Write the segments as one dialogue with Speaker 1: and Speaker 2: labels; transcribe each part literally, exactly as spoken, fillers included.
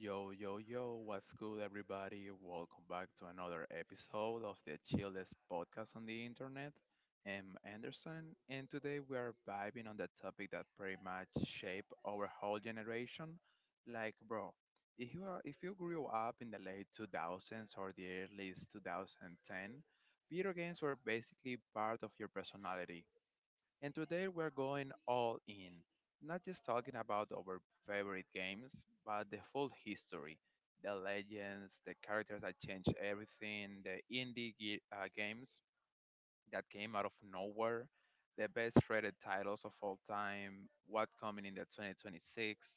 Speaker 1: Yo, yo, yo, what's good, everybody? Welcome back to another episode of the chillest podcast on the internet. I'm Anderson, and today we are vibing on the topic that pretty much shaped our whole generation. Like, bro, if you are, if you grew up in the late two thousands or the early two thousand ten, video games were basically part of your personality, and today we're going all in, not just talking about our favorite games, but the full history, the legends, the characters that changed everything, the indie ge- uh, games that came out of nowhere, the best rated titles of all time, what coming in the twenty twenty-six,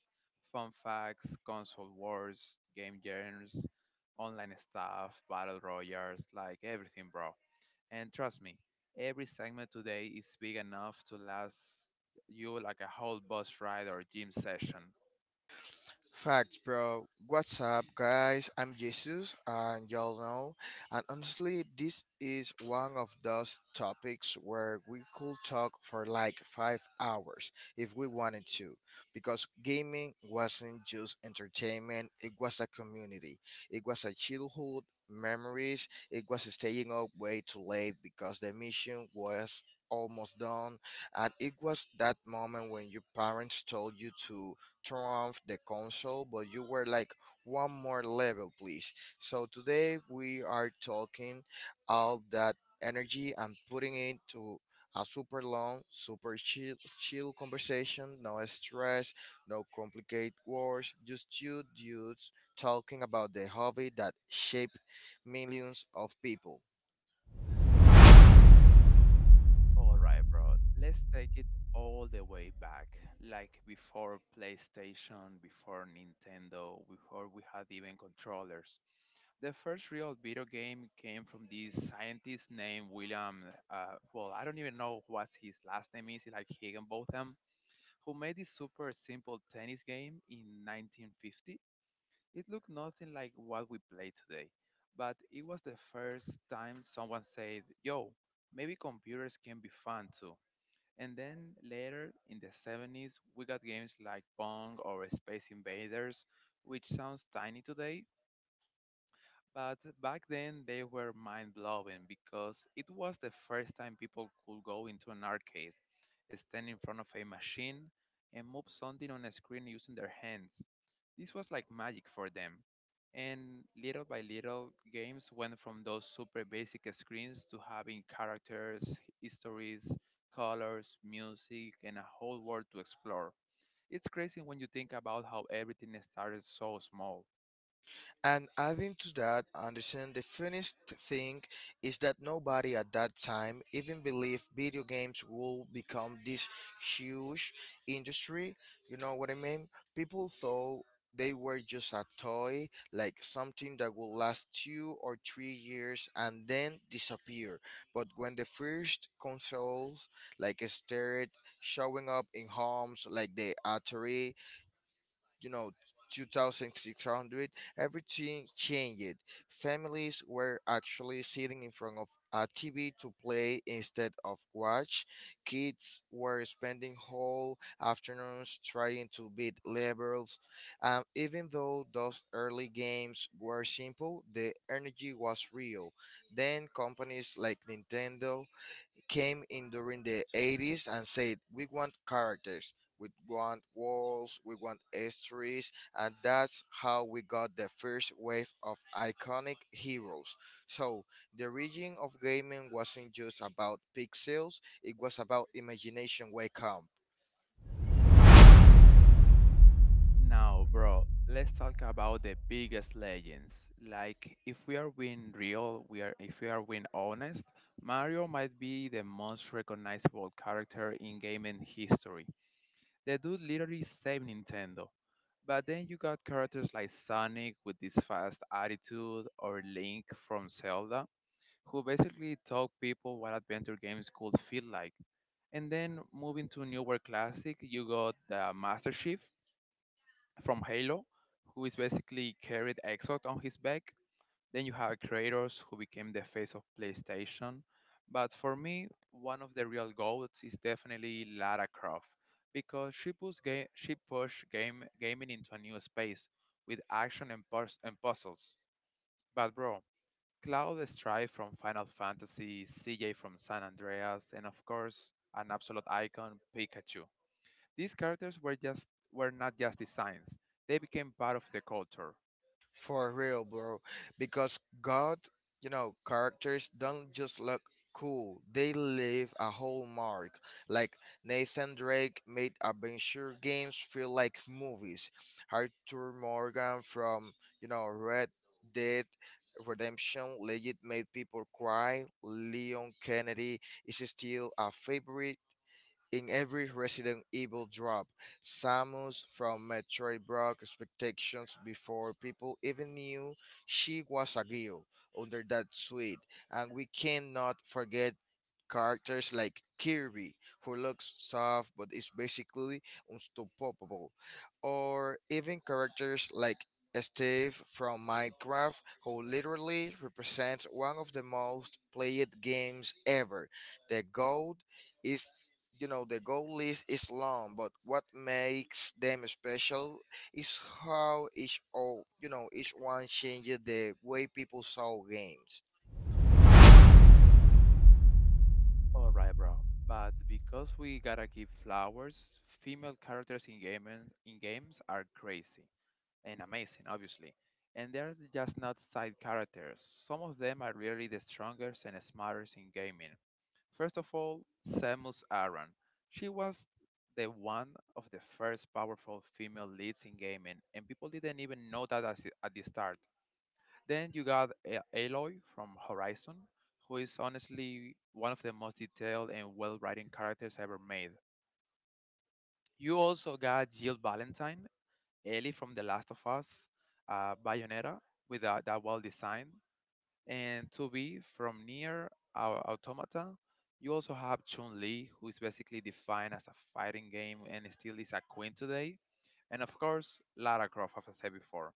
Speaker 1: fun facts, console wars, game genres, online stuff, battle royals, like everything, bro. And trust me, every segment today is big enough to last you like a whole bus ride or gym session.
Speaker 2: Facts, bro. What's up, guys? I'm Jesus, and y'all know. And honestly, this is one of those topics where we could talk for like five hours if we wanted to, because gaming wasn't just entertainment, it was a community, it was a childhood memories, it was staying up way too late because the mission was almost done, and it was that moment when your parents told you to turn off the console, but you were like one more level, please. So today we are talking all that energy and putting it to a super long, super chill, chill conversation. No stress, no complicated words. Just two dudes talking about the hobby that shaped millions of people.
Speaker 1: All right, bro. Let's take it all the way back, like before PlayStation, before Nintendo, before we had even controllers. The first real video game came from this scientist named William. Uh, well, I don't even know what his last name is, like Higginbotham, who made this super simple tennis game in nineteen fifty. It looked nothing like what we play today, but it was the first time someone said, yo, maybe computers can be fun too. And then later in the seventies, we got games like Pong or Space Invaders, which sounds tiny today, but back then they were mind blowing because it was the first time people could go into an arcade, stand in front of a machine, and move something on a screen using their hands. This was like magic for them. And little by little, games went from those super basic screens to having characters, histories, colors, music, and a whole world to explore. It's crazy when you think about how everything started so small.
Speaker 2: And adding to that, Anderson, the funniest thing is that nobody at that time even believed video games will become this huge industry. You know what I mean? People thought they were just a toy, like something that will last two or three years and then disappear. But when the first consoles, like, started showing up in homes, like the Atari, you know, two thousand six hundred, everything changed. Families were actually sitting in front of a TV to play instead of watch. Kids were spending whole afternoons trying to beat levels. Um, even though those early games were simple, the energy was real. Then companies like Nintendo came in during the eighties and said, we want characters, we want walls, we want histories, and that's how we got the first wave of iconic heroes. So, the region of gaming wasn't just about pixels, it was about imagination wake up.
Speaker 1: Now, bro, let's talk about the biggest legends. Like, if we are being real, we are if we are being honest, Mario might be the most recognizable character in gaming history. The dude literally saved Nintendo. But then you got characters like Sonic with this fast attitude, or Link from Zelda, who basically taught people what adventure games could feel like. And then moving to newer classic, you got the Master Chief, from Halo, who is basically carried Exot on his back. Then you have creators who became the face of PlayStation. But for me, one of the real goats is definitely Lara Croft because she pushed, ga- she pushed game gaming into a new space with action and, puz- and puzzles. But bro, Cloud Strife from Final Fantasy, C J from San Andreas, and of course, an absolute icon, Pikachu. These characters were just were not just designs; they became part of the culture.
Speaker 2: For real, bro. Because God, you know, characters don't just look cool, they leave a whole mark. Like Nathan Drake made adventure games feel like movies. Arthur Morgan from, you know, Red Dead Redemption legit made people cry. Leon Kennedy is still a favorite in every Resident Evil drop. Samus from Metroid broke expectations before people even knew she was a girl under that suite, and we cannot forget characters like Kirby, who looks soft but is basically unstoppable, or even characters like Steve from Minecraft, who literally represents one of the most played games ever. The gold is, you know, the goal list is long, but what makes them special is how each all, you know, each one changes the way people saw games.
Speaker 1: All right, bro. But because we gotta give flowers, female characters in gaming in games are crazy and amazing, obviously. And they're just not side characters. Some of them are really the strongest and smartest in gaming. First of all, Samus Aran. She was the one of the first powerful female leads in gaming, and people didn't even know that as- at the start. Then you got A- Aloy from Horizon, who is honestly one of the most detailed and well-written characters ever made. You also got Jill Valentine, Ellie from The Last of Us, uh, Bayonetta with that, that well design, and two B from Near Automata. You also have Chun Li, who is basically defined as a fighting game and still is a queen today. And of course, Lara Croft, as I said before,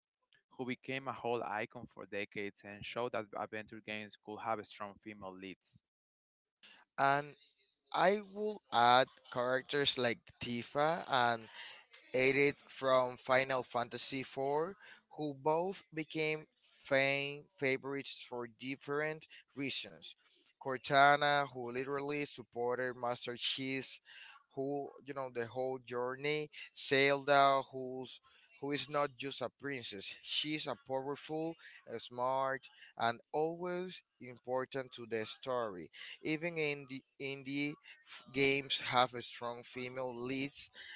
Speaker 1: who became a whole icon for decades and showed that adventure games could have strong female leads.
Speaker 2: And I will add characters like Tifa and Aerith from Final Fantasy four, who both became fan favorites for different reasons. Cortana, who literally supported Master Chief's, who, you know, the whole journey. Zelda, who's who is not just a princess, she's a powerful, a smart, and always important to the story. Even in the indie f- games have a strong female lead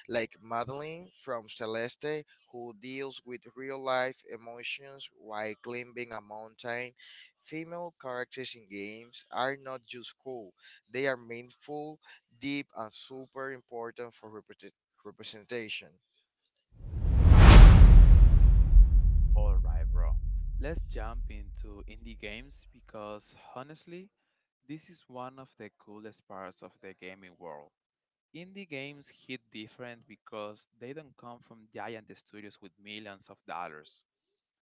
Speaker 2: like Madeline from Celeste, who deals with real life emotions while climbing a mountain. Female characters in games are not just cool, they are meaningful, deep, and super important for represent- representation.
Speaker 1: Alright, bro. Let's jump into indie games because honestly, this is one of the coolest parts of the gaming world. Indie games hit different because they don't come from giant studios with millions of dollars.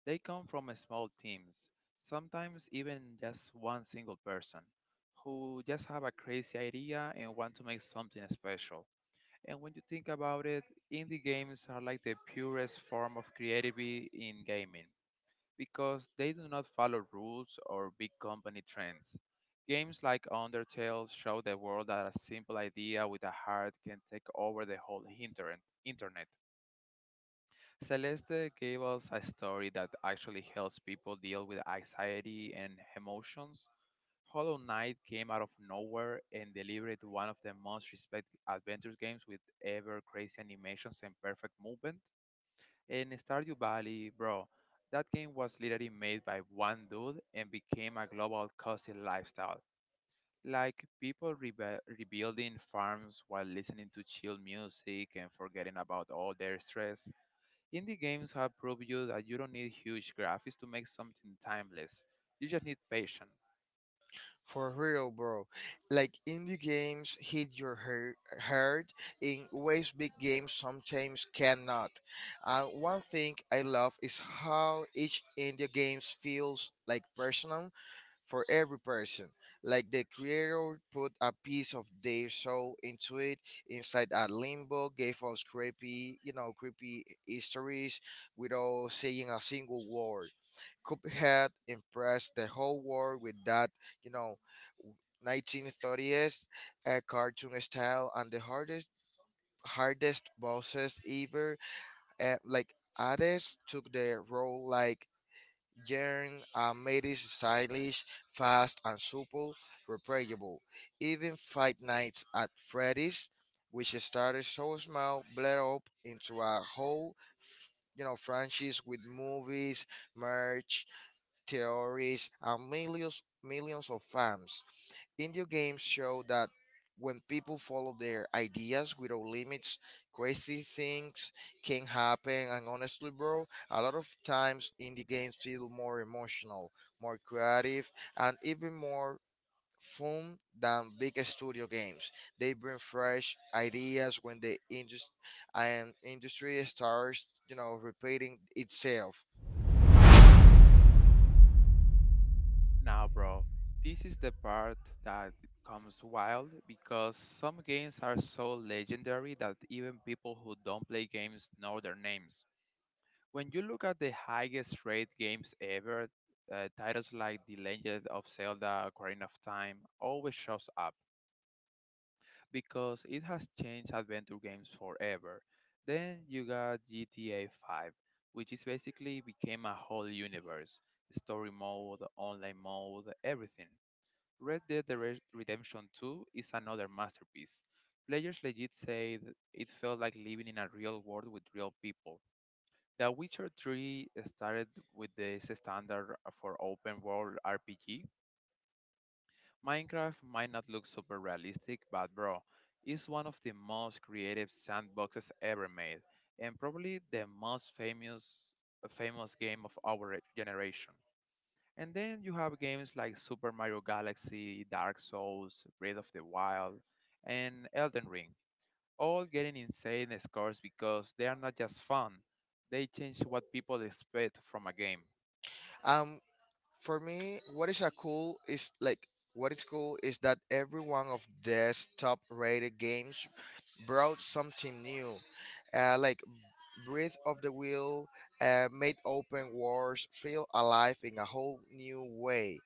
Speaker 1: They come from small teams, sometimes even just one single person, who just have a crazy idea and want to make something special. And when you think about it, indie games are like the purest form of creativity in gaming because they do not follow rules or big company trends. Games like Undertale show the world that a simple idea with a heart can take over the whole internet. internet. Celeste gave us a story that actually helps people deal with anxiety and emotions. Hollow Knight came out of nowhere and delivered one of the most respected adventure games with ever crazy animations and perfect movement. And Stardew Valley, bro, that game was literally made by one dude and became a global cozy lifestyle. Like people rebe- rebuilding farms while listening to chill music and forgetting about all their stress. Indie games have proved you that you don't need huge graphics to make something timeless. You just need patience.
Speaker 2: For real, bro. Like indie games hit your hear- heart in ways big games sometimes cannot. And one thing I love is how each indie games feels like personal for every person. Like the creator put a piece of their soul into it. Inside a limbo gave us creepy, you know, creepy histories without saying a single word. Cuphead impressed the whole world with that, you know, nineteen thirties uh, cartoon style and the hardest hardest bosses ever. Uh, like Hades took the role like Jern and made it stylish, fast, and super replayable. Even Fight Nights at Freddy's, which started so small, bled up into a whole, f- you know, franchise with movies, merch, theories, and millions, millions of fans. Indie games show that when people follow their ideas without limits, crazy things can happen. And honestly, bro, a lot of times indie games feel more emotional, more creative, and even more fun than big studio games. They bring fresh ideas when the industry and industry starts, you know, repeating itself.
Speaker 1: Now, bro, this is the part that comes wild because some games are so legendary that even people who don't play games know their names. When you look at the highest rated games ever, uh, titles like The Legend of Zelda: Ocarina of Time always shows up because it has changed adventure games forever. Then you got G T A five, which is basically became a whole universe, story mode, online mode, everything. Red Dead Dere- Redemption two is another masterpiece. Players legit say th- it felt like living in a real world with real people. The Witcher three started with this standard for open world R P G. Minecraft might not look super realistic, but bro, it's one of the most creative sandboxes ever made, and probably the most famous famous game of our generation. And then you have games like Super Mario Galaxy, Dark Souls, Breath of the Wild, and Elden Ring, all getting insane scores because they are not just fun, they change what people expect from a game.
Speaker 2: And for me, what is a cool is like what is cool is that every one of these top rated games brought something new. Uh, like Breathe of the Will uh, made open wars feel alive in a whole new way.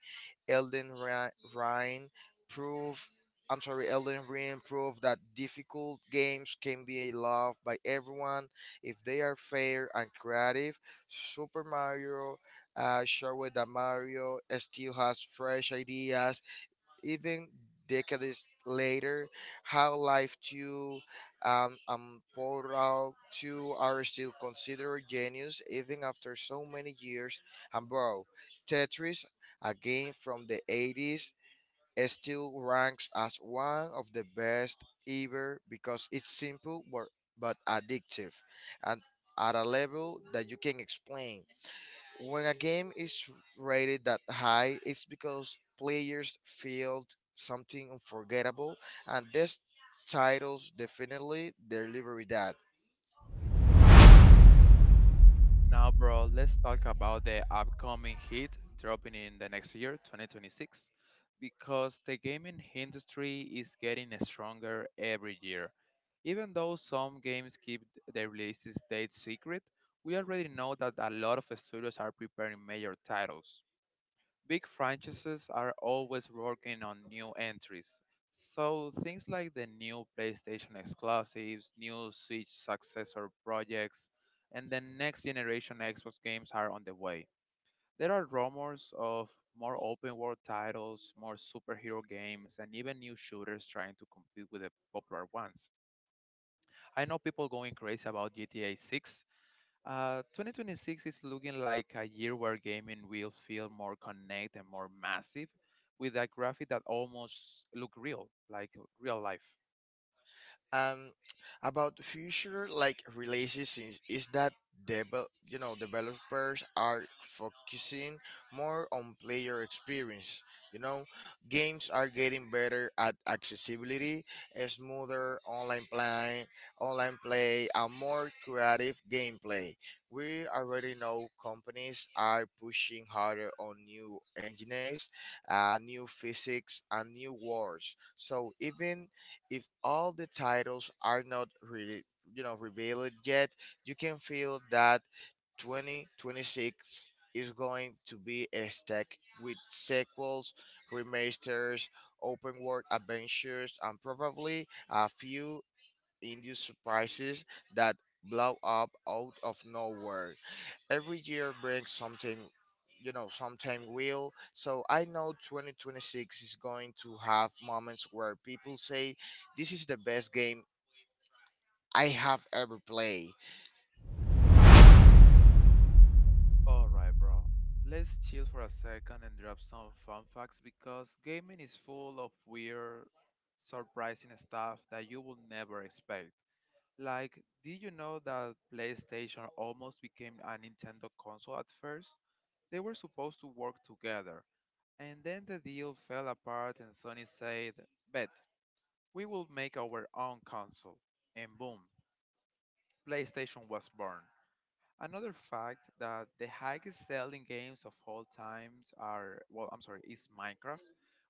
Speaker 2: Elden Ri- Ring proved I'm sorry, Elden Ring proved that difficult games can be loved by everyone if they are fair and creative. Super Mario uh, showed that Mario still has fresh ideas even decades later. How live tune um, and Portal two are still considered genius even after so many years. And bro, Tetris, a game from the eighties, it still ranks as one of the best ever because it's simple but, but addictive and at a level that you can explain. When a game is rated that high, it's because players felt something unforgettable, and these titles definitely deliver that.
Speaker 1: Now, bro, let's talk about the upcoming hit dropping in the next year, twenty twenty-six, because the gaming industry is getting stronger every year. Even though some games keep their release dates secret, we already know that a lot of studios are preparing major titles. Big franchises are always working on new entries, so things like the new PlayStation exclusives, new Switch successor projects, and the next generation Xbox games are on the way. There are rumors of more open world titles, more superhero games, and even new shooters trying to compete with the popular ones. I know people going crazy about G T A six. uh, twenty twenty-six is looking like a year where gaming will feel more connected and more massive, with a graphic that almost look real, like real life.
Speaker 2: um about the future like releases is that devel- you know, developers are focusing more on player experience, you know. Games are getting better at accessibility, a smoother online play online play and more creative gameplay. We already know companies are pushing harder on new engines, uh, new physics and new wars, so even if all the titles are not really, you know, revealed yet, you can feel that twenty twenty-six is going to be a stack with sequels, remasters, open world adventures, and probably a few induced surprises that blow up out of nowhere. Every year brings something, you know, sometime will. So I know twenty twenty-six is going to have moments where people say, this is the best game I have ever played.
Speaker 1: All right, bro. Let's chill for a second and drop some fun facts because gaming is full of weird, surprising stuff that you will never expect. Like, did you know that PlayStation almost became a Nintendo console at first? They were supposed to work together, and then the deal fell apart, and Sony said, Bet, we will make our own console. And boom, PlayStation was born. Another fact that the highest selling games of all times are, well, I'm sorry, is Minecraft,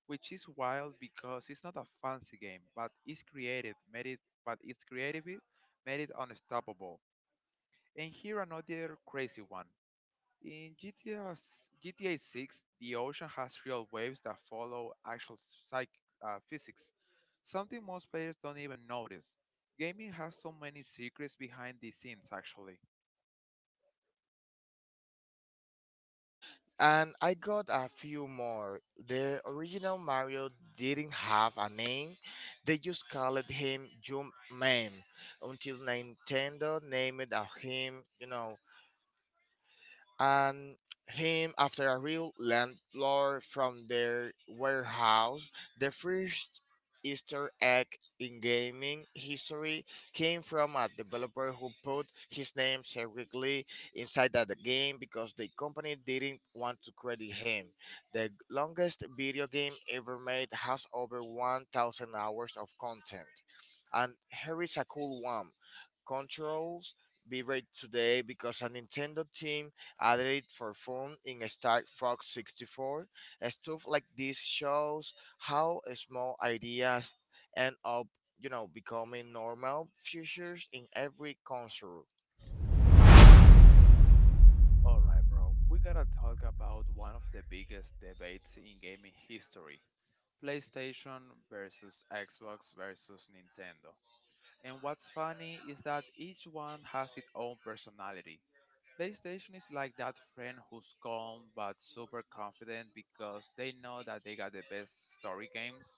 Speaker 1: which is wild because it's not a fancy game, but it's creative, made it, but it's creative, made it unstoppable. And here another crazy one. In G T A, G T A six, the ocean has real waves that follow actual psych, uh, physics, something most players don't even notice. Gaming has so many secrets behind the scenes, actually.
Speaker 2: And I got a few more. The original Mario didn't have a name, they just called him Jump Man until Nintendo named it of him, you know, and him after a real landlord from their warehouse. The first Easter egg in gaming history came from a developer who put his name secretly inside of the game because the company didn't want to credit him. The longest video game ever made has over one thousand hours of content. And here is a cool one. Controls be read today because a Nintendo team added it for fun in Star Fox sixty-four. Stuff like this shows how small ideas end up, you know, becoming normal features in every console.
Speaker 1: All right, bro. We gotta talk about one of the biggest debates in gaming history. PlayStation versus Xbox versus Nintendo. And what's funny is that each one has its own personality. PlayStation is like that friend who's calm but super confident because they know that they got the best story games.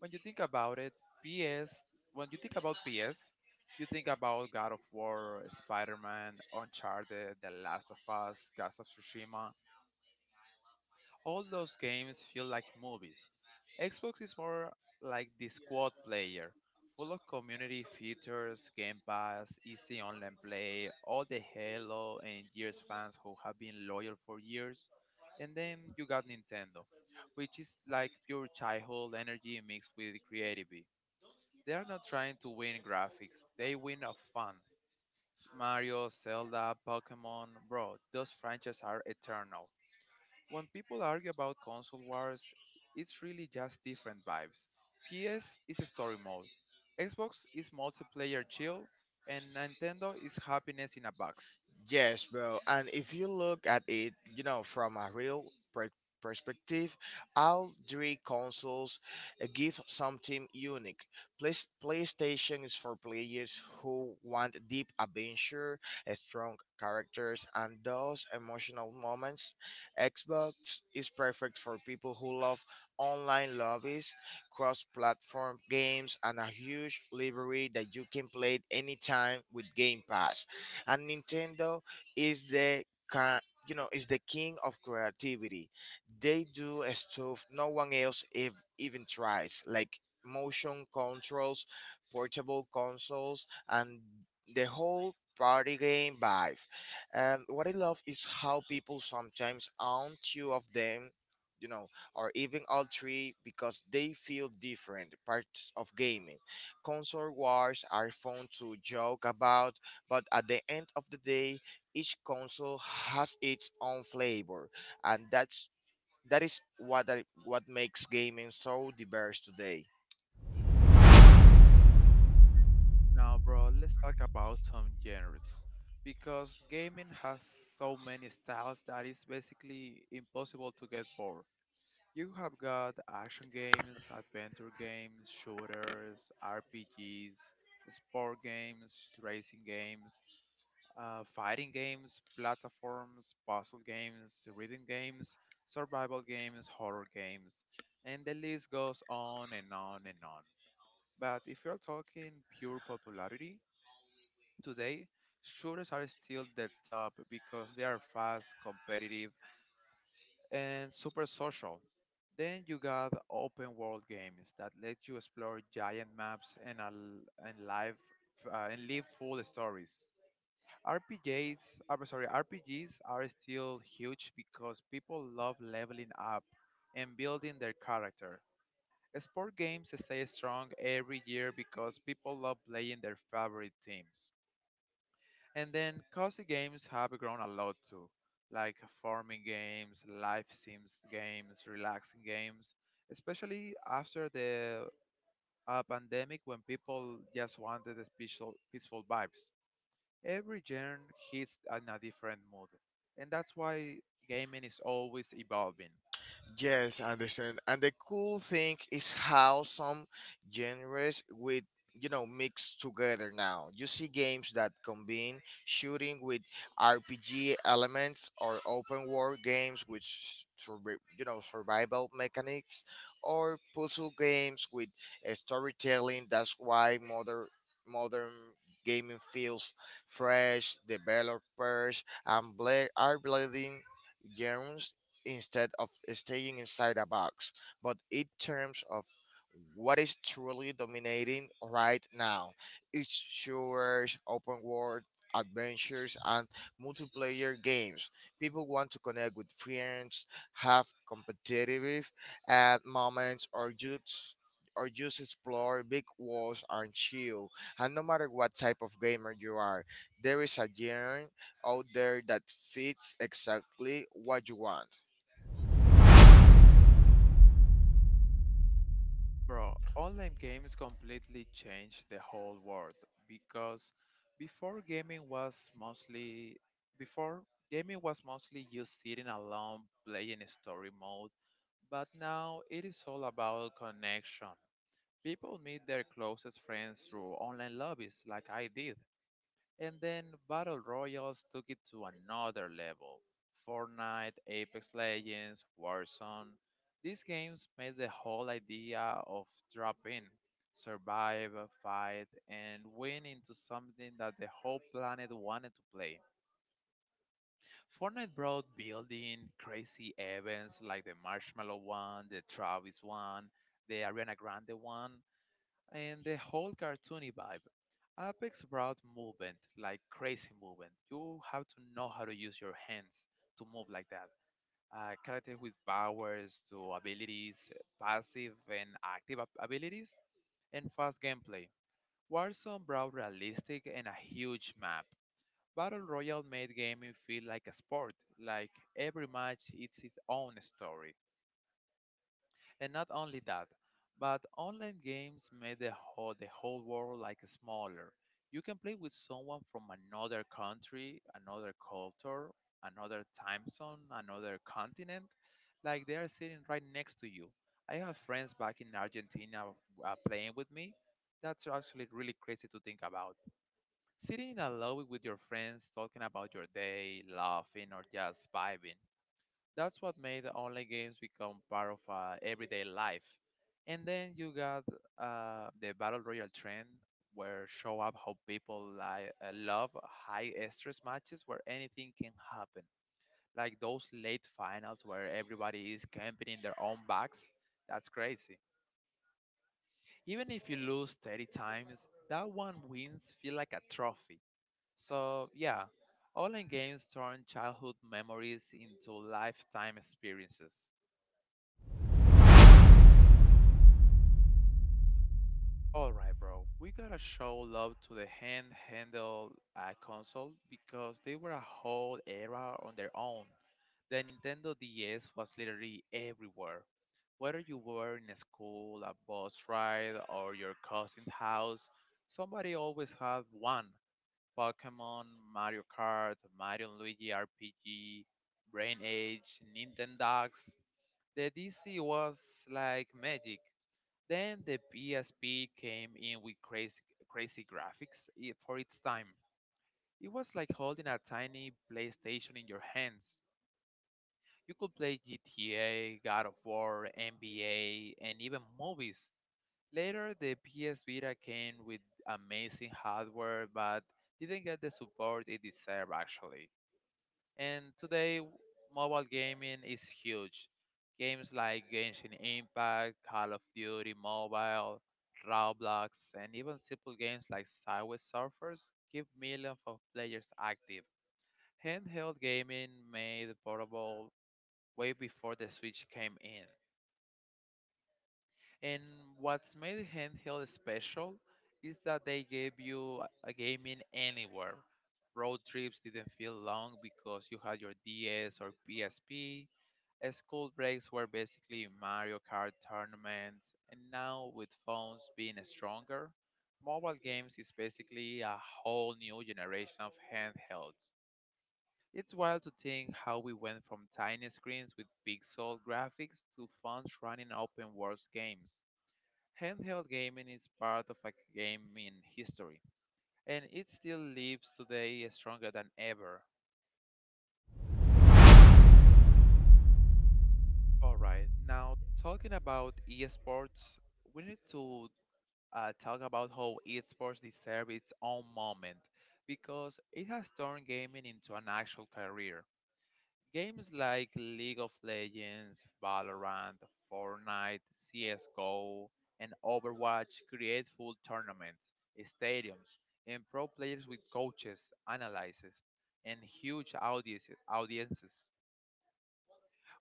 Speaker 1: When you think about it, P S, when you think about P S, you think about God of War, Spider Man, Uncharted, The Last of Us, Ghost of Tsushima, all those games feel like movies. Xbox is more like the squad player, full of community features, Game Pass, easy online play, all the Halo and Gears fans who have been loyal for years. And then you got Nintendo, which is like pure childhood energy mixed with creativity. They are not trying to win graphics, they win of fun. Mario, Zelda, Pokemon, bro, those franchises are eternal. When people argue about console wars, it's really just different vibes. P S is a story mode, Xbox is multiplayer chill, and Nintendo is happiness in a box.
Speaker 2: Yes, bro. And if you look at it, you know, from a real per- perspective, all three consoles uh, give something unique. Play- PlayStation is for players who want deep adventure, uh, strong characters, and those emotional moments. Xbox is perfect for people who love online lobbies, cross-platform games, and a huge library that you can play anytime with Game Pass. And Nintendo is the ki- you know, is the king of creativity. They do a stuff no one else if, even tries, like motion controls, portable consoles, and the whole party game vibe. And what I love is how people sometimes own two of them, you know, or even all three because they feel different parts of gaming. Console wars are fun to joke about, but at the end of the day, each console has its own flavor, and that's that is what I, what makes gaming so diverse today.
Speaker 1: Now, bro, let's talk about some genres. Because gaming has so many styles that it's basically impossible to get bored. You have got action games, adventure games, shooters, R P Gs, sport games, racing games, uh, fighting games, platforms, puzzle games, reading games, survival games, horror games, and the list goes on and on and on. But if you're talking pure popularity, today shooters are still the top because they are fast, competitive, and super social. Then you got open world games that let you explore giant maps and, al- and live uh, and live full stories. R P Gs, I'm sorry, R P Gs are still huge because people love leveling up and building their character. Sport games stay strong every year because people love playing their favorite teams. And then cozy games have grown a lot too, like farming games, life sims games, relaxing games, especially after the uh, pandemic when people just wanted the peaceful, peaceful vibes. Every genre hits in a different mood, and that's why gaming is always evolving.
Speaker 2: Yes, I understand. And the cool thing is how some genres with, you know, mixed together now. You see games that combine shooting with R P G elements, or open world games with s- survi- you know, survival mechanics, or puzzle games with uh, storytelling. That's why modern modern gaming feels fresh. Developers and bla- are blending genres instead of staying inside a box, but in terms of what is truly dominating right now. It's shooters, open world adventures, and multiplayer games. People want to connect with friends, have competitive uh, moments, or just or just explore big walls and chill. And no matter what type of gamer you are, there is a genre out there that fits exactly what you want.
Speaker 1: Bro, online games completely changed the whole world because before gaming was mostly before gaming was mostly just sitting alone playing story mode, but now it is all about connection. People meet their closest friends through online lobbies like I did. And then Battle Royals took it to another level. Fortnite, Apex Legends, Warzone. These games made the whole idea of drop in, survive, fight, and win into something that the whole planet wanted to play. Fortnite brought building crazy events like the Marshmallow one, the Travis one, the Ariana Grande one, and the whole cartoony vibe. Apex brought movement, like crazy movement. You have to know how to use your hands to move like that. Uh, characters with powers to abilities, passive and active ab- abilities, and fast gameplay. Warzone brought realistic and a huge map. Battle Royale made gaming feel like a sport, like every match it's its own story. And not only that, but online games made the whole, the whole world like smaller. You can play with someone from another country, another culture, another time zone, another continent, like they are sitting right next to you. I have friends back in Argentina uh, playing with me. That's actually really crazy to think about. Sitting in a lobby with your friends, talking about your day, laughing, or just vibing. That's what made the online games become part of uh, everyday life. And then you got uh, the battle royale trend, where show up how people like uh, love high stress matches where anything can happen. Like those late finals where everybody is camping in their own backs. That's crazy. Even if you lose thirty times, that one wins feel like a trophy. So yeah, online games turn childhood memories into lifetime experiences. All right, bro. We gotta show love to the handheld uh, console because they were a whole era on their own. The Nintendo D S was literally everywhere. Whether you were in a school, a bus ride, or your cousin's house, somebody always had one. Pokemon, Mario Kart, Mario and Luigi R P G, Brain Age, Nintendogs. The D C was like magic. Then the P S P came in with crazy, crazy graphics i- for its time. It was like holding a tiny PlayStation in your hands. You could play G T A, God of War, N B A, and even movies. Later, the P S Vita came with amazing hardware, but didn't get the support it deserved actually. And today, mobile gaming is huge. Games like Genshin Impact, Call of Duty Mobile, Roblox, and even simple games like Subway Surfers keep millions of players active. Handheld gaming made portable way before the Switch came in. And what's made handheld special is that they gave you a gaming anywhere. Road trips didn't feel long because you had your D S or P S P. Uh, School breaks were basically Mario Kart tournaments, and now with phones being stronger, mobile games is basically a whole new generation of handhelds. It's wild to think how we went from tiny screens with pixel graphics to phones running open world games. Handheld gaming is part of a gaming history, and it still lives today stronger than ever. Alright, now talking about esports, we need to uh, talk about how esports deserves its own moment because it has turned gaming into an actual career. Games like League of Legends, Valorant, Fortnite, C S G O, and Overwatch create full tournaments, stadiums, and pro players with coaches, analysts, and huge audiences. audiences.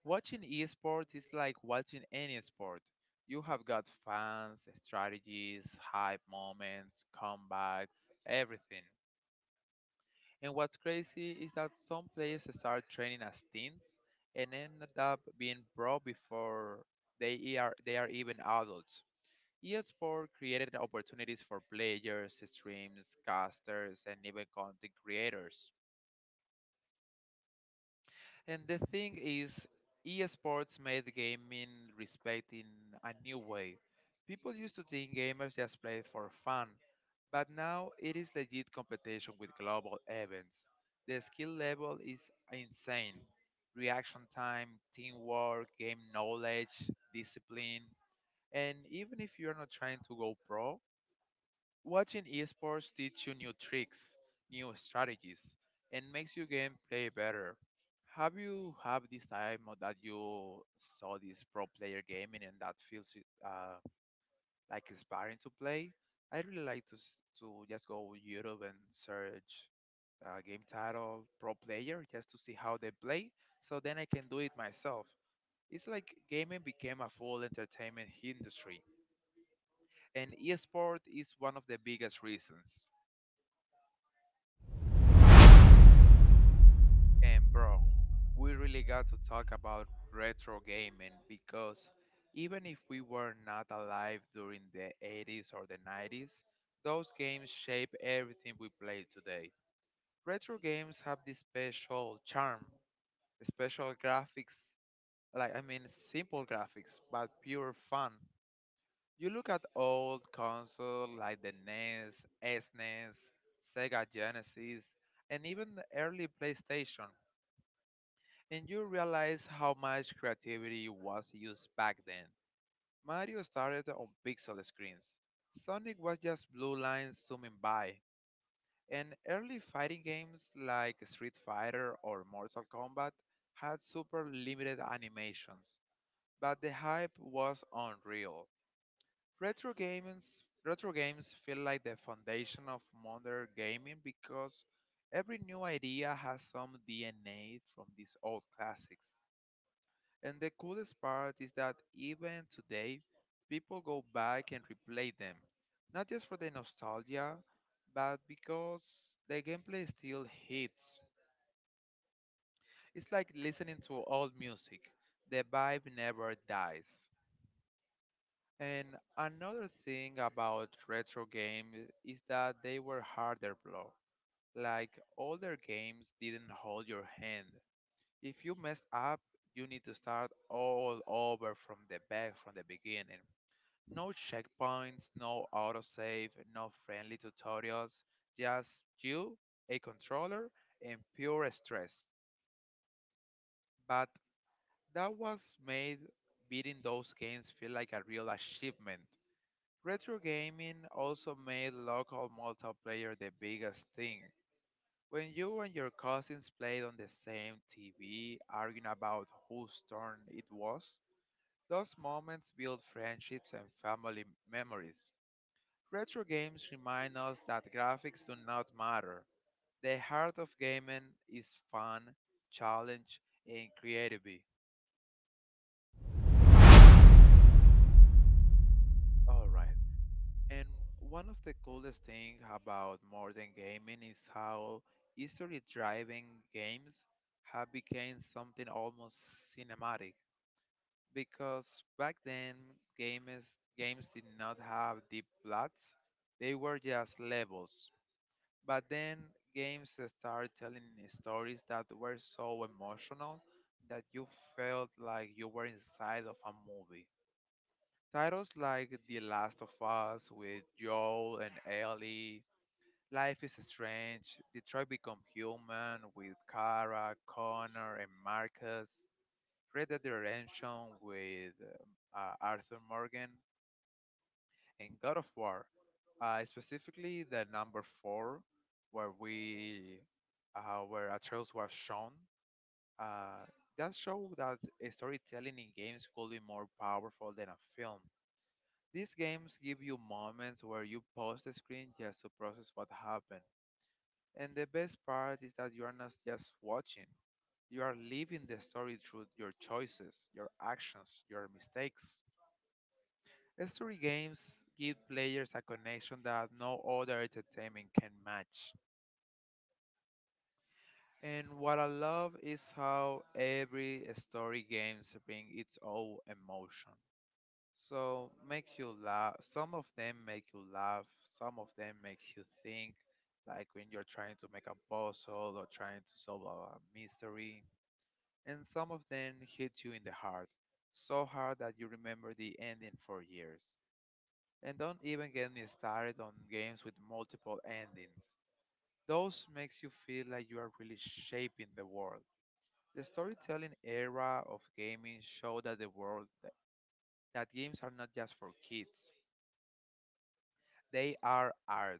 Speaker 1: Watching esports is like watching any sport. You have got fans, strategies, hype moments, comebacks, everything. And what's crazy is that some players start training as teens and end up being pro before they e are they are even adults. eSport created opportunities for players, streams, casters, and even content creators. And the thing is, esports made gaming respect in a new way. People used to think gamers just played for fun, but now it is legit competition with global events. The skill level is insane. Reaction time, teamwork, game knowledge, discipline. And even if you're not trying to go pro, watching esports teach you new tricks, new strategies, and makes your gameplay better. Have you have this time or that you saw this pro player gaming and that feels uh, like inspiring to play? I really like to s- to just go on YouTube and search uh, game title pro player just to see how they play, so then I can do it myself. It's like gaming became a full entertainment industry, and esports is one of the biggest reasons. And bro, we really got to talk about retro gaming because even if we were not alive during the eighties or the nineties, those games shape everything we play today. Retro games have this special charm, special graphics, like I mean simple graphics, but pure fun. You look at old consoles like the NES, SNES, Sega Genesis, and even the early PlayStation and you realize how much creativity was used back then. Mario started on pixel screens. Sonic was just blue lines zooming by, and early fighting games like Street Fighter or Mortal Kombat had super limited animations, but the hype was unreal. Retro games, retro games feel like the foundation of modern gaming because every new idea has some D N A from these old classics. And the coolest part is that even today, people go back and replay them, not just for the nostalgia, but because the gameplay still hits. It's like listening to old music, the vibe never dies. And another thing about retro games is that they were harder blow. Like older games didn't hold your hand. If you messed up, you need to start all over from the back from the beginning. No checkpoints, no autosave, no friendly tutorials, just you, a controller, and pure stress. But that was made beating those games feel like a real achievement. Retro gaming also made local multiplayer the biggest thing. When you and your cousins played on the same T V, arguing about whose turn it was, those moments build friendships and family memories. Retro games remind us that graphics do not matter. The heart of gaming is fun, challenge, and creativity. Alright. And one of the coolest things about modern gaming is how history driving games have become something almost cinematic. Because back then games games did not have deep plots. They were just levels, but then games started telling stories that were so emotional that you felt like you were inside of a movie. Titles like The Last of Us with Joel and Ellie, Life is Strange, Detroit Become Human with Kara, Connor, and Marcus, Red Dead Redemption with um, uh, Arthur Morgan, in God of War, uh, specifically the number four, where we, uh, where Atreus was shown, uh, that showed that a storytelling in games could be more powerful than a film. These games give you moments where you pause the screen just to process what happened. And the best part is that you are not just watching, you are living the story through your choices, your actions, your mistakes. Story games give players a connection that no other entertainment can match. And what I love is how every story games bring its own emotion. So make you laugh. Some of them make you laugh. Some of them make you think, like when you're trying to make a puzzle or trying to solve a mystery. And some of them hit you in the heart, so hard that you remember the ending for years. And don't even get me started on games with multiple endings. Those makes you feel like you are really shaping the world. The storytelling era of gaming showed that the world that games are not just for kids. They are art.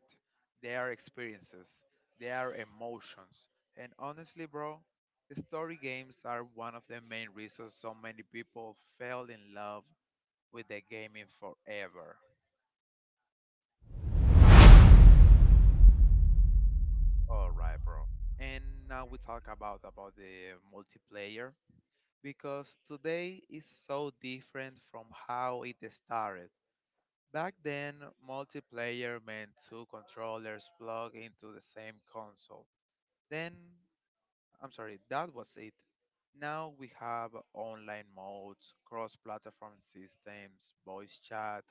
Speaker 1: They are experiences. They are emotions. And honestly, bro, the story games are one of the main reasons so many people fell in love with the gaming forever. All right, bro. And now we talk about about the multiplayer because today is so different from how it started. Back then, multiplayer meant two controllers plugged into the same console. Then, I'm sorry, that was it. Now we have online modes, cross-platform systems, voice chat,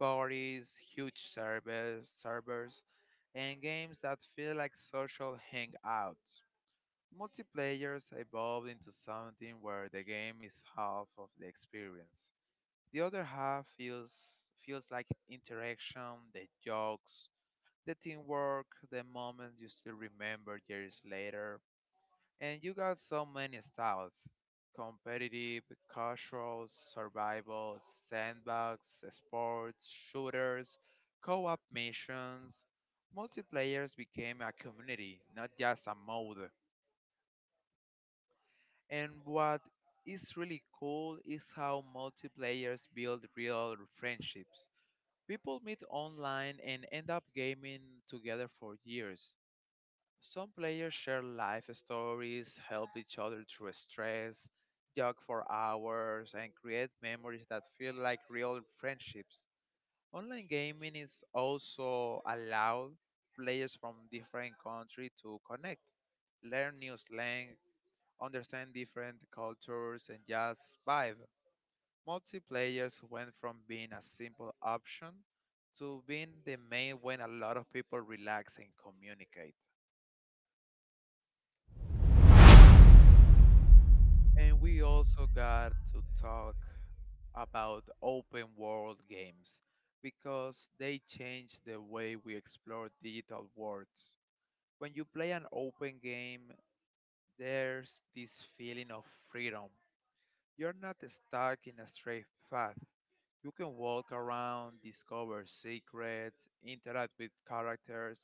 Speaker 1: parties, huge servers, servers, and games that feel like social hangouts. Multiplayers evolved into something where the game is half of the experience. The other half feels feels like interaction, the jokes, the teamwork, the moments you still remember years later. And you got so many styles. Competitive, casual, survival, sandbox, sports, shooters, co-op missions. Multiplayers became a community, not just a mode. And what is really cool is how multiplayers build real friendships. People meet online and end up gaming together for years. Some players share life stories, help each other through stress, jog for hours, and create memories that feel like real friendships. Online gaming is also allowed players from different countries to connect, learn new slang, understand different cultures, and just vibe. Multiplayers went from being a simple option to being the main when a lot of people relax and communicate. And we also got to talk about open world games because they change the way we explore digital worlds. When you play an open game, there's this feeling of freedom. You're not stuck in a straight path. You can walk around, discover secrets, interact with characters,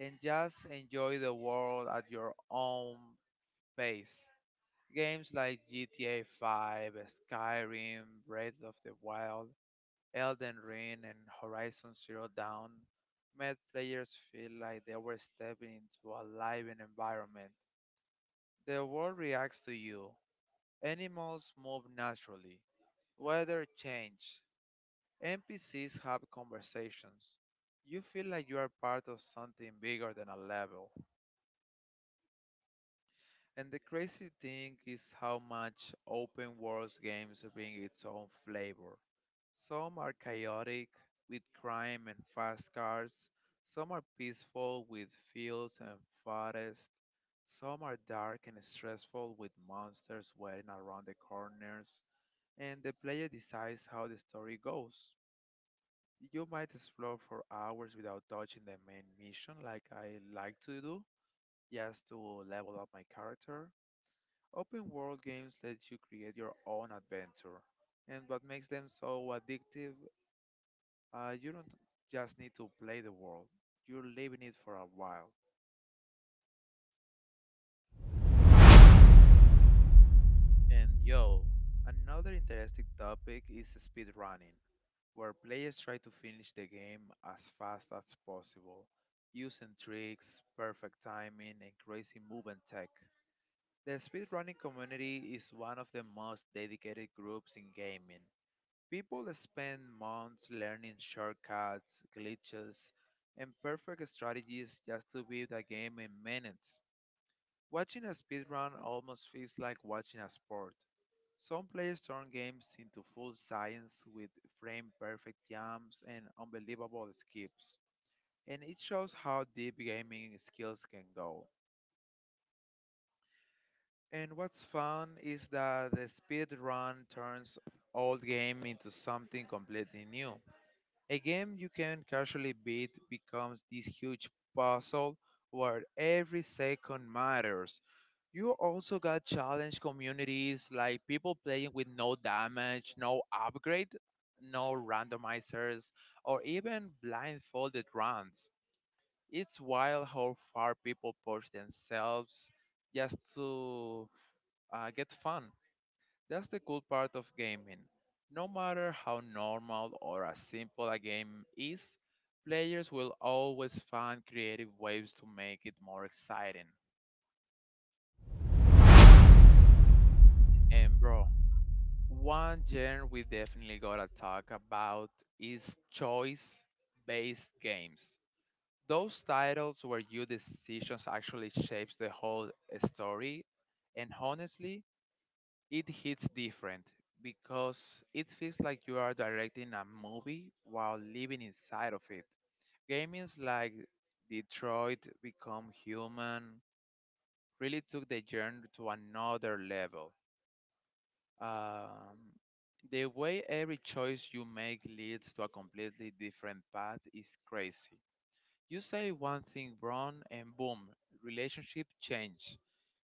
Speaker 1: and just enjoy the world at your own pace. Games like G T A five, Skyrim, Breath of the Wild, Elden Ring, and Horizon Zero Dawn made players feel like they were stepping into a living environment. The world reacts to you. Animals move naturally. Weather change. N P Cs have conversations. You feel like you are part of something bigger than a level. And the crazy thing is how much open world games bring its own flavor. Some are chaotic with crime and fast cars, some are peaceful with fields and forests, some are dark and stressful with monsters waiting around the corners, and the player decides how the story goes. You might explore for hours without touching the main mission like I like to do, just to level up my character. Open world games let you create your own adventure, and what makes them so addictive, uh, you don't just need to play the world, you live in it for a while. And yo, another interesting topic is speedrunning, where players try to finish the game as fast as possible, using tricks, perfect timing, and crazy movement tech. The speedrunning community is one of the most dedicated groups in gaming. People spend months learning shortcuts, glitches, and perfect strategies just to beat the game in minutes. Watching a speedrun almost feels like watching a sport. Some players turn games into full science with frame perfect jumps and unbelievable skips. And it shows how deep gaming skills can go. And what's fun is that the speedrun turns old game into something completely new. A game you can casually beat becomes this huge puzzle where every second matters. You also got challenge communities like people playing with no damage, no upgrade, no randomizers, or even blindfolded runs. It's wild how far people push themselves just to uh, get fun. That's the cool part of gaming. No matter how normal or as simple a game is, players will always find creative ways to make it more exciting. And bro, one genre we definitely gotta talk about is choice based games. Those titles where your decisions actually shapes the whole story. And honestly, it hits different because it feels like you are directing a movie while living inside of it. Games like Detroit Become Human really took the genre to another level. Um, the way every choice you make leads to a completely different path is crazy. You say one thing wrong and boom, relationship change.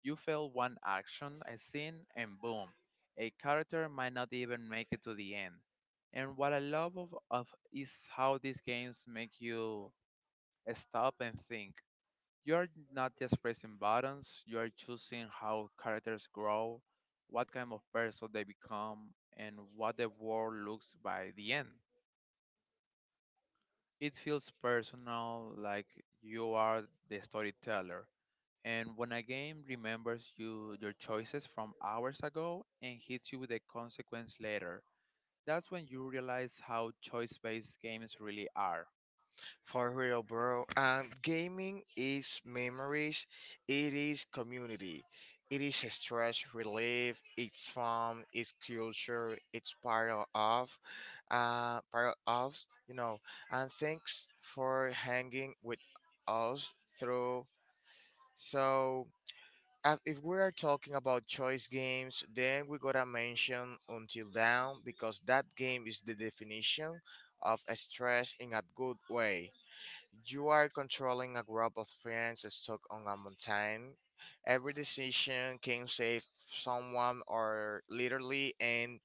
Speaker 1: You fail one action, a scene, and boom, a character might not even make it to the end. And what I love of, of is how these games make you stop and think. You are not just pressing buttons, you are choosing how characters grow, what kind of person they become, and what the world looks by the end. It feels personal, like you are the storyteller. And when a game remembers you your choices from hours ago and hits you with a consequence later, that's when you realize how choice-based games really are.
Speaker 2: For real, bro. And gaming is memories. It is community. It is a stress relief. It's fun. It's culture. It's part of, of, uh, part of, you know. And thanks for hanging with us through. So, uh, if we are talking about choice games, then we gotta mention Until Down because that game is the definition of a stress in a good way. You are controlling a group of friends stuck on a mountain. Every decision can save someone or literally end,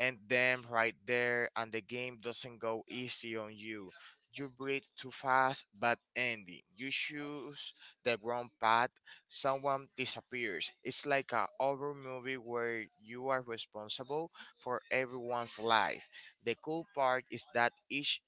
Speaker 2: end them right there, and the game doesn't go easy on you. You breathe too fast, but ending. You choose the wrong path, someone disappears. It's like a horror movie where you are responsible for everyone's life. The cool part is that each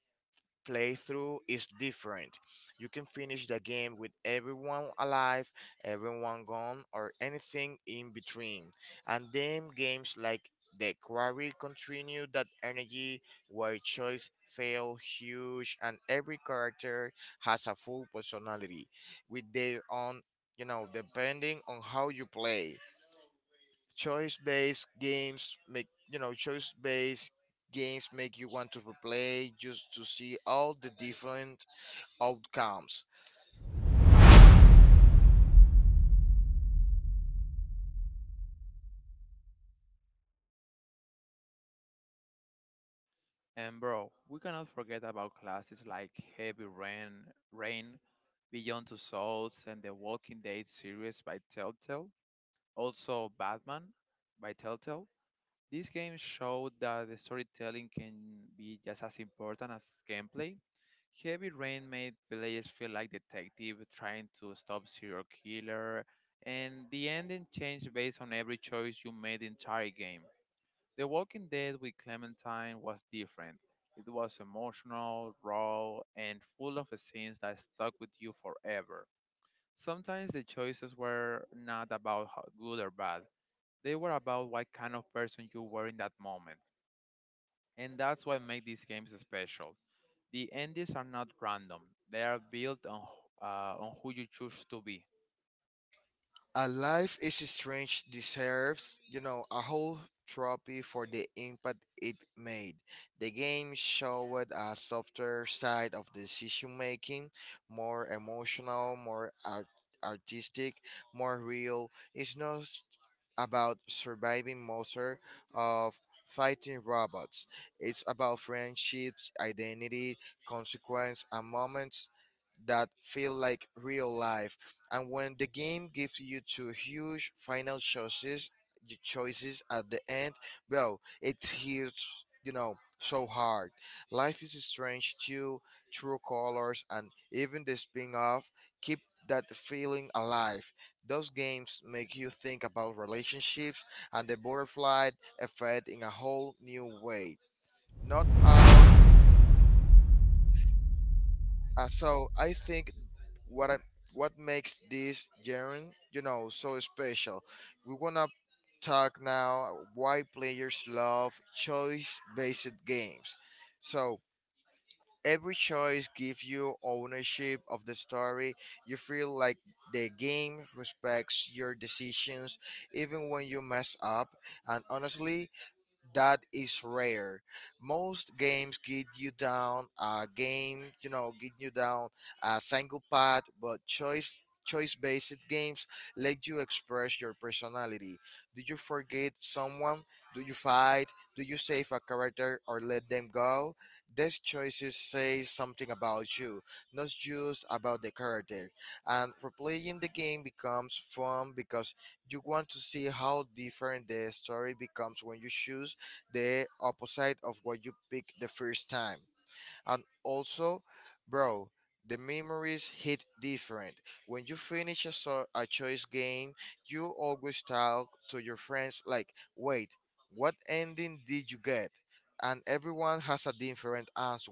Speaker 2: playthrough is different. You can finish the game with everyone alive, everyone gone, or anything in between. And then games like The Quarry continue that energy where choice feel huge and every character has a full personality with their own you know depending on how you play choice based games make you know choice based games make you want to replay just to see all the different outcomes.
Speaker 1: And bro, we cannot forget about classics like Heavy Rain, Rain, Beyond Two Souls, and the Walking Dead series by Telltale. Also, Batman by Telltale. These games showed that the storytelling can be just as important as gameplay. Heavy Rain made players feel like detective trying to stop serial killer, and the ending changed based on every choice you made the entire game. The Walking Dead with Clementine was different. It was emotional, raw, and full of scenes that stuck with you forever. Sometimes the choices were not about how good or bad. They were about what kind of person you were in that moment and that's what makes these games special. The endings are not random; they are built on wh- uh, on who you choose to be.
Speaker 2: A Life is Strange deserves, you know, a whole trophy for the impact it made. The game showed a softer side of decision making, more emotional, more art- artistic, more real. It's not about surviving monster of fighting robots. It's about friendships, identity, consequence, and moments that feel like real life. And when the game gives you two huge final choices, your choices at the end, bro, it's hits you know so hard. Life is strange too, true colors, and even the spin-off keep that feeling alive. Those games make you think about relationships and the butterfly effect in a whole new way. Not all. Uh, so I think what I what makes this genre, you know, so special. We wanna talk now why players love choice-based games. So every choice gives you ownership of the story. You feel like the game respects your decisions even when you mess up. And honestly, that is rare. Most games get you down a game, you know, get you down a single path, but choice choice based games let you express your personality. Do you forget someone? Do you fight? Do you save a character or let them go? These choices say something about you, not just about the character. And replaying the game becomes fun because you want to see how different the story becomes when you choose the opposite of what you picked the first time. And also, bro, the memories hit different. When you finish a, so- a choice game, you always talk to your friends like, wait, what ending did you get? And everyone has a different answer.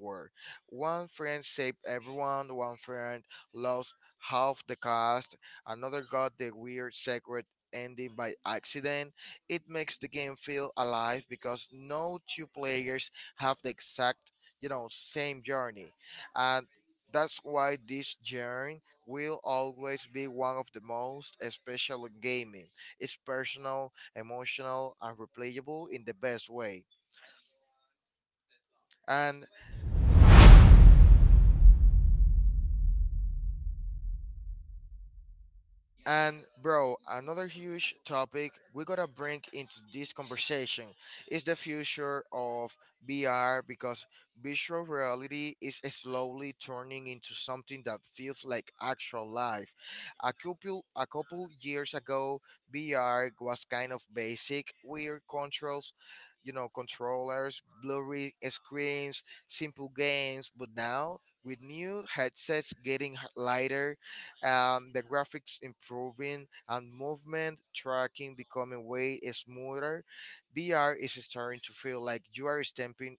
Speaker 2: One friend saved everyone, one friend lost half the cast, another got the weird secret ending by accident. It makes the game feel alive because no two players have the exact you know same journey, and that's why this journey will always be one of the most special in gaming. It's personal, emotional, and replayable in the best way. And And bro, another huge topic we gotta bring into this conversation is the future of V R, because virtual reality is slowly turning into something that feels like actual life. A couple a couple years ago, V R was kind of basic, weird controls, you know, controllers, blurry screens, simple games, but now with new headsets getting h- lighter, um, the graphics improving and movement tracking becoming way smoother, VR is starting to feel like you are stepping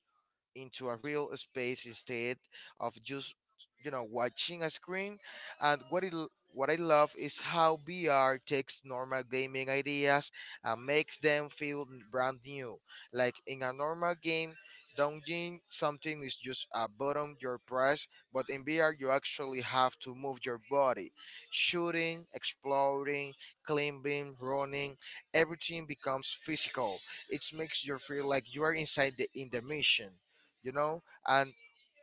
Speaker 2: into a real space instead of just, you know, watching a screen. And what it what I love is how V R takes normal gaming ideas and makes them feel brand new. Like in a normal game, dodging something is just a button you press, but in V R you actually have to move your body. Shooting, exploring, climbing, running, everything becomes physical. It makes you feel like you are inside the in the mission, you know. And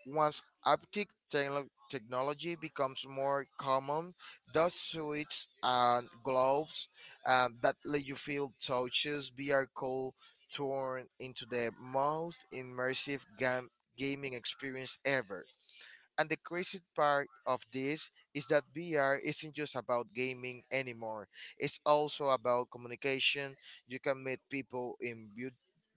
Speaker 2: once haptic techno- technology becomes more common, dust suits and gloves, um, that let you feel touches, VR cool turn into the most immersive game gaming experience ever. And the crazy part of this is that V R isn't just about gaming anymore. It's also about communication. You can meet people in bu-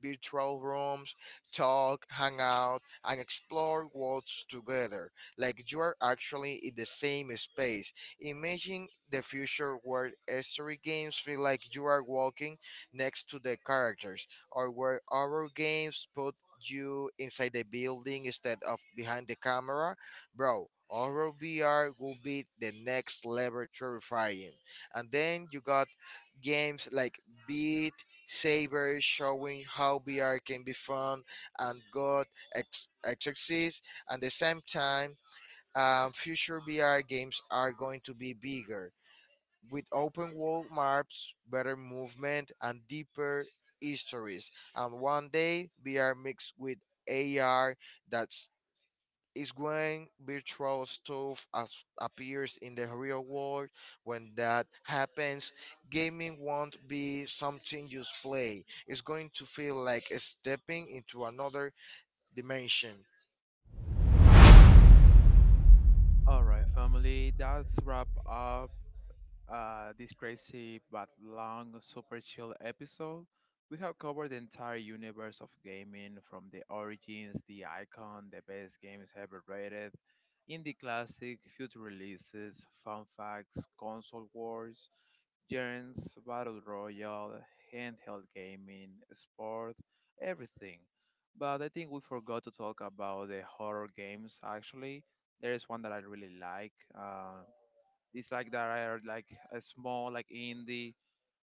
Speaker 2: virtual rooms, talk, hang out, and explore worlds together. Like you are actually in the same space. Imagine the future where history games feel like you are walking next to the characters, or where horror games put you inside the building instead of behind the camera. Bro, Oral V R will be the next level terrifying. And then you got games like Beat Saber showing how V R can be fun and good ex- exercise. At the same time, um, future V R games are going to be bigger with open world maps, better movement, and deeper histories. And one day, V R mixed with A R, that's is when virtual stuff as appears in the real world. When that happens, gaming won't be something you just play. It's going to feel like stepping into another dimension.
Speaker 1: All right, family, that's wrap up uh, this crazy but long, super chill episode. We have covered the entire universe of gaming from the origins, the icon, the best games ever rated, indie classic, future releases, fun facts, console wars, Games, Battle Royale, handheld gaming, sports, everything. But I think we forgot to talk about the horror games actually. There is one that I really like. Uh, it's like there are like a small like indie.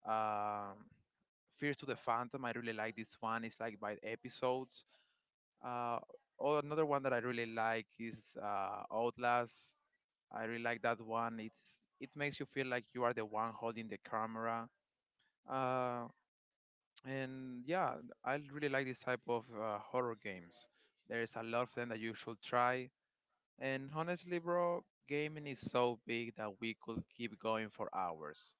Speaker 1: Um, Fears to the Phantom. I really like this one. It's like by episodes. Uh, or another one that I really like is uh, Outlast. I really like that one. It's it makes you feel like you are the one holding the camera. Uh, and yeah, I really like this type of uh, horror games. There is a lot of them that you should try. And honestly, bro, gaming is so big that we could keep going for hours.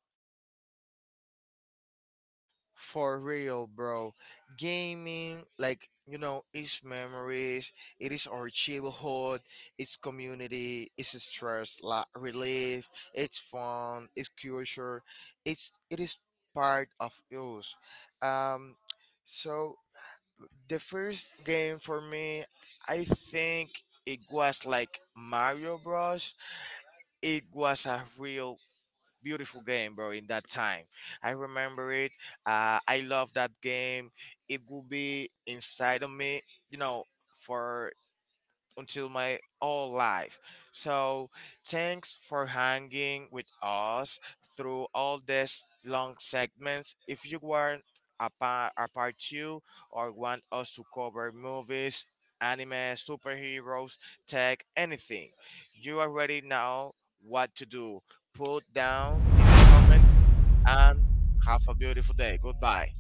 Speaker 2: For real, bro. Gaming, like, you know, it's memories, it is our childhood, it's community, it's stress la- relief, it's fun, it's culture, it's it is part of us. Um so the first game for me, I think it was like Mario Bros. It was a real beautiful game, bro. In that time, I remember it. Uh, I love that game. It will be inside of me, you know, for until my whole life. So thanks for hanging with us through all these long segments. If you want a part, a part two, or want us to cover movies, anime, superheroes, tech, anything, you already know what to do. Put down in the comments and have a beautiful day. Goodbye.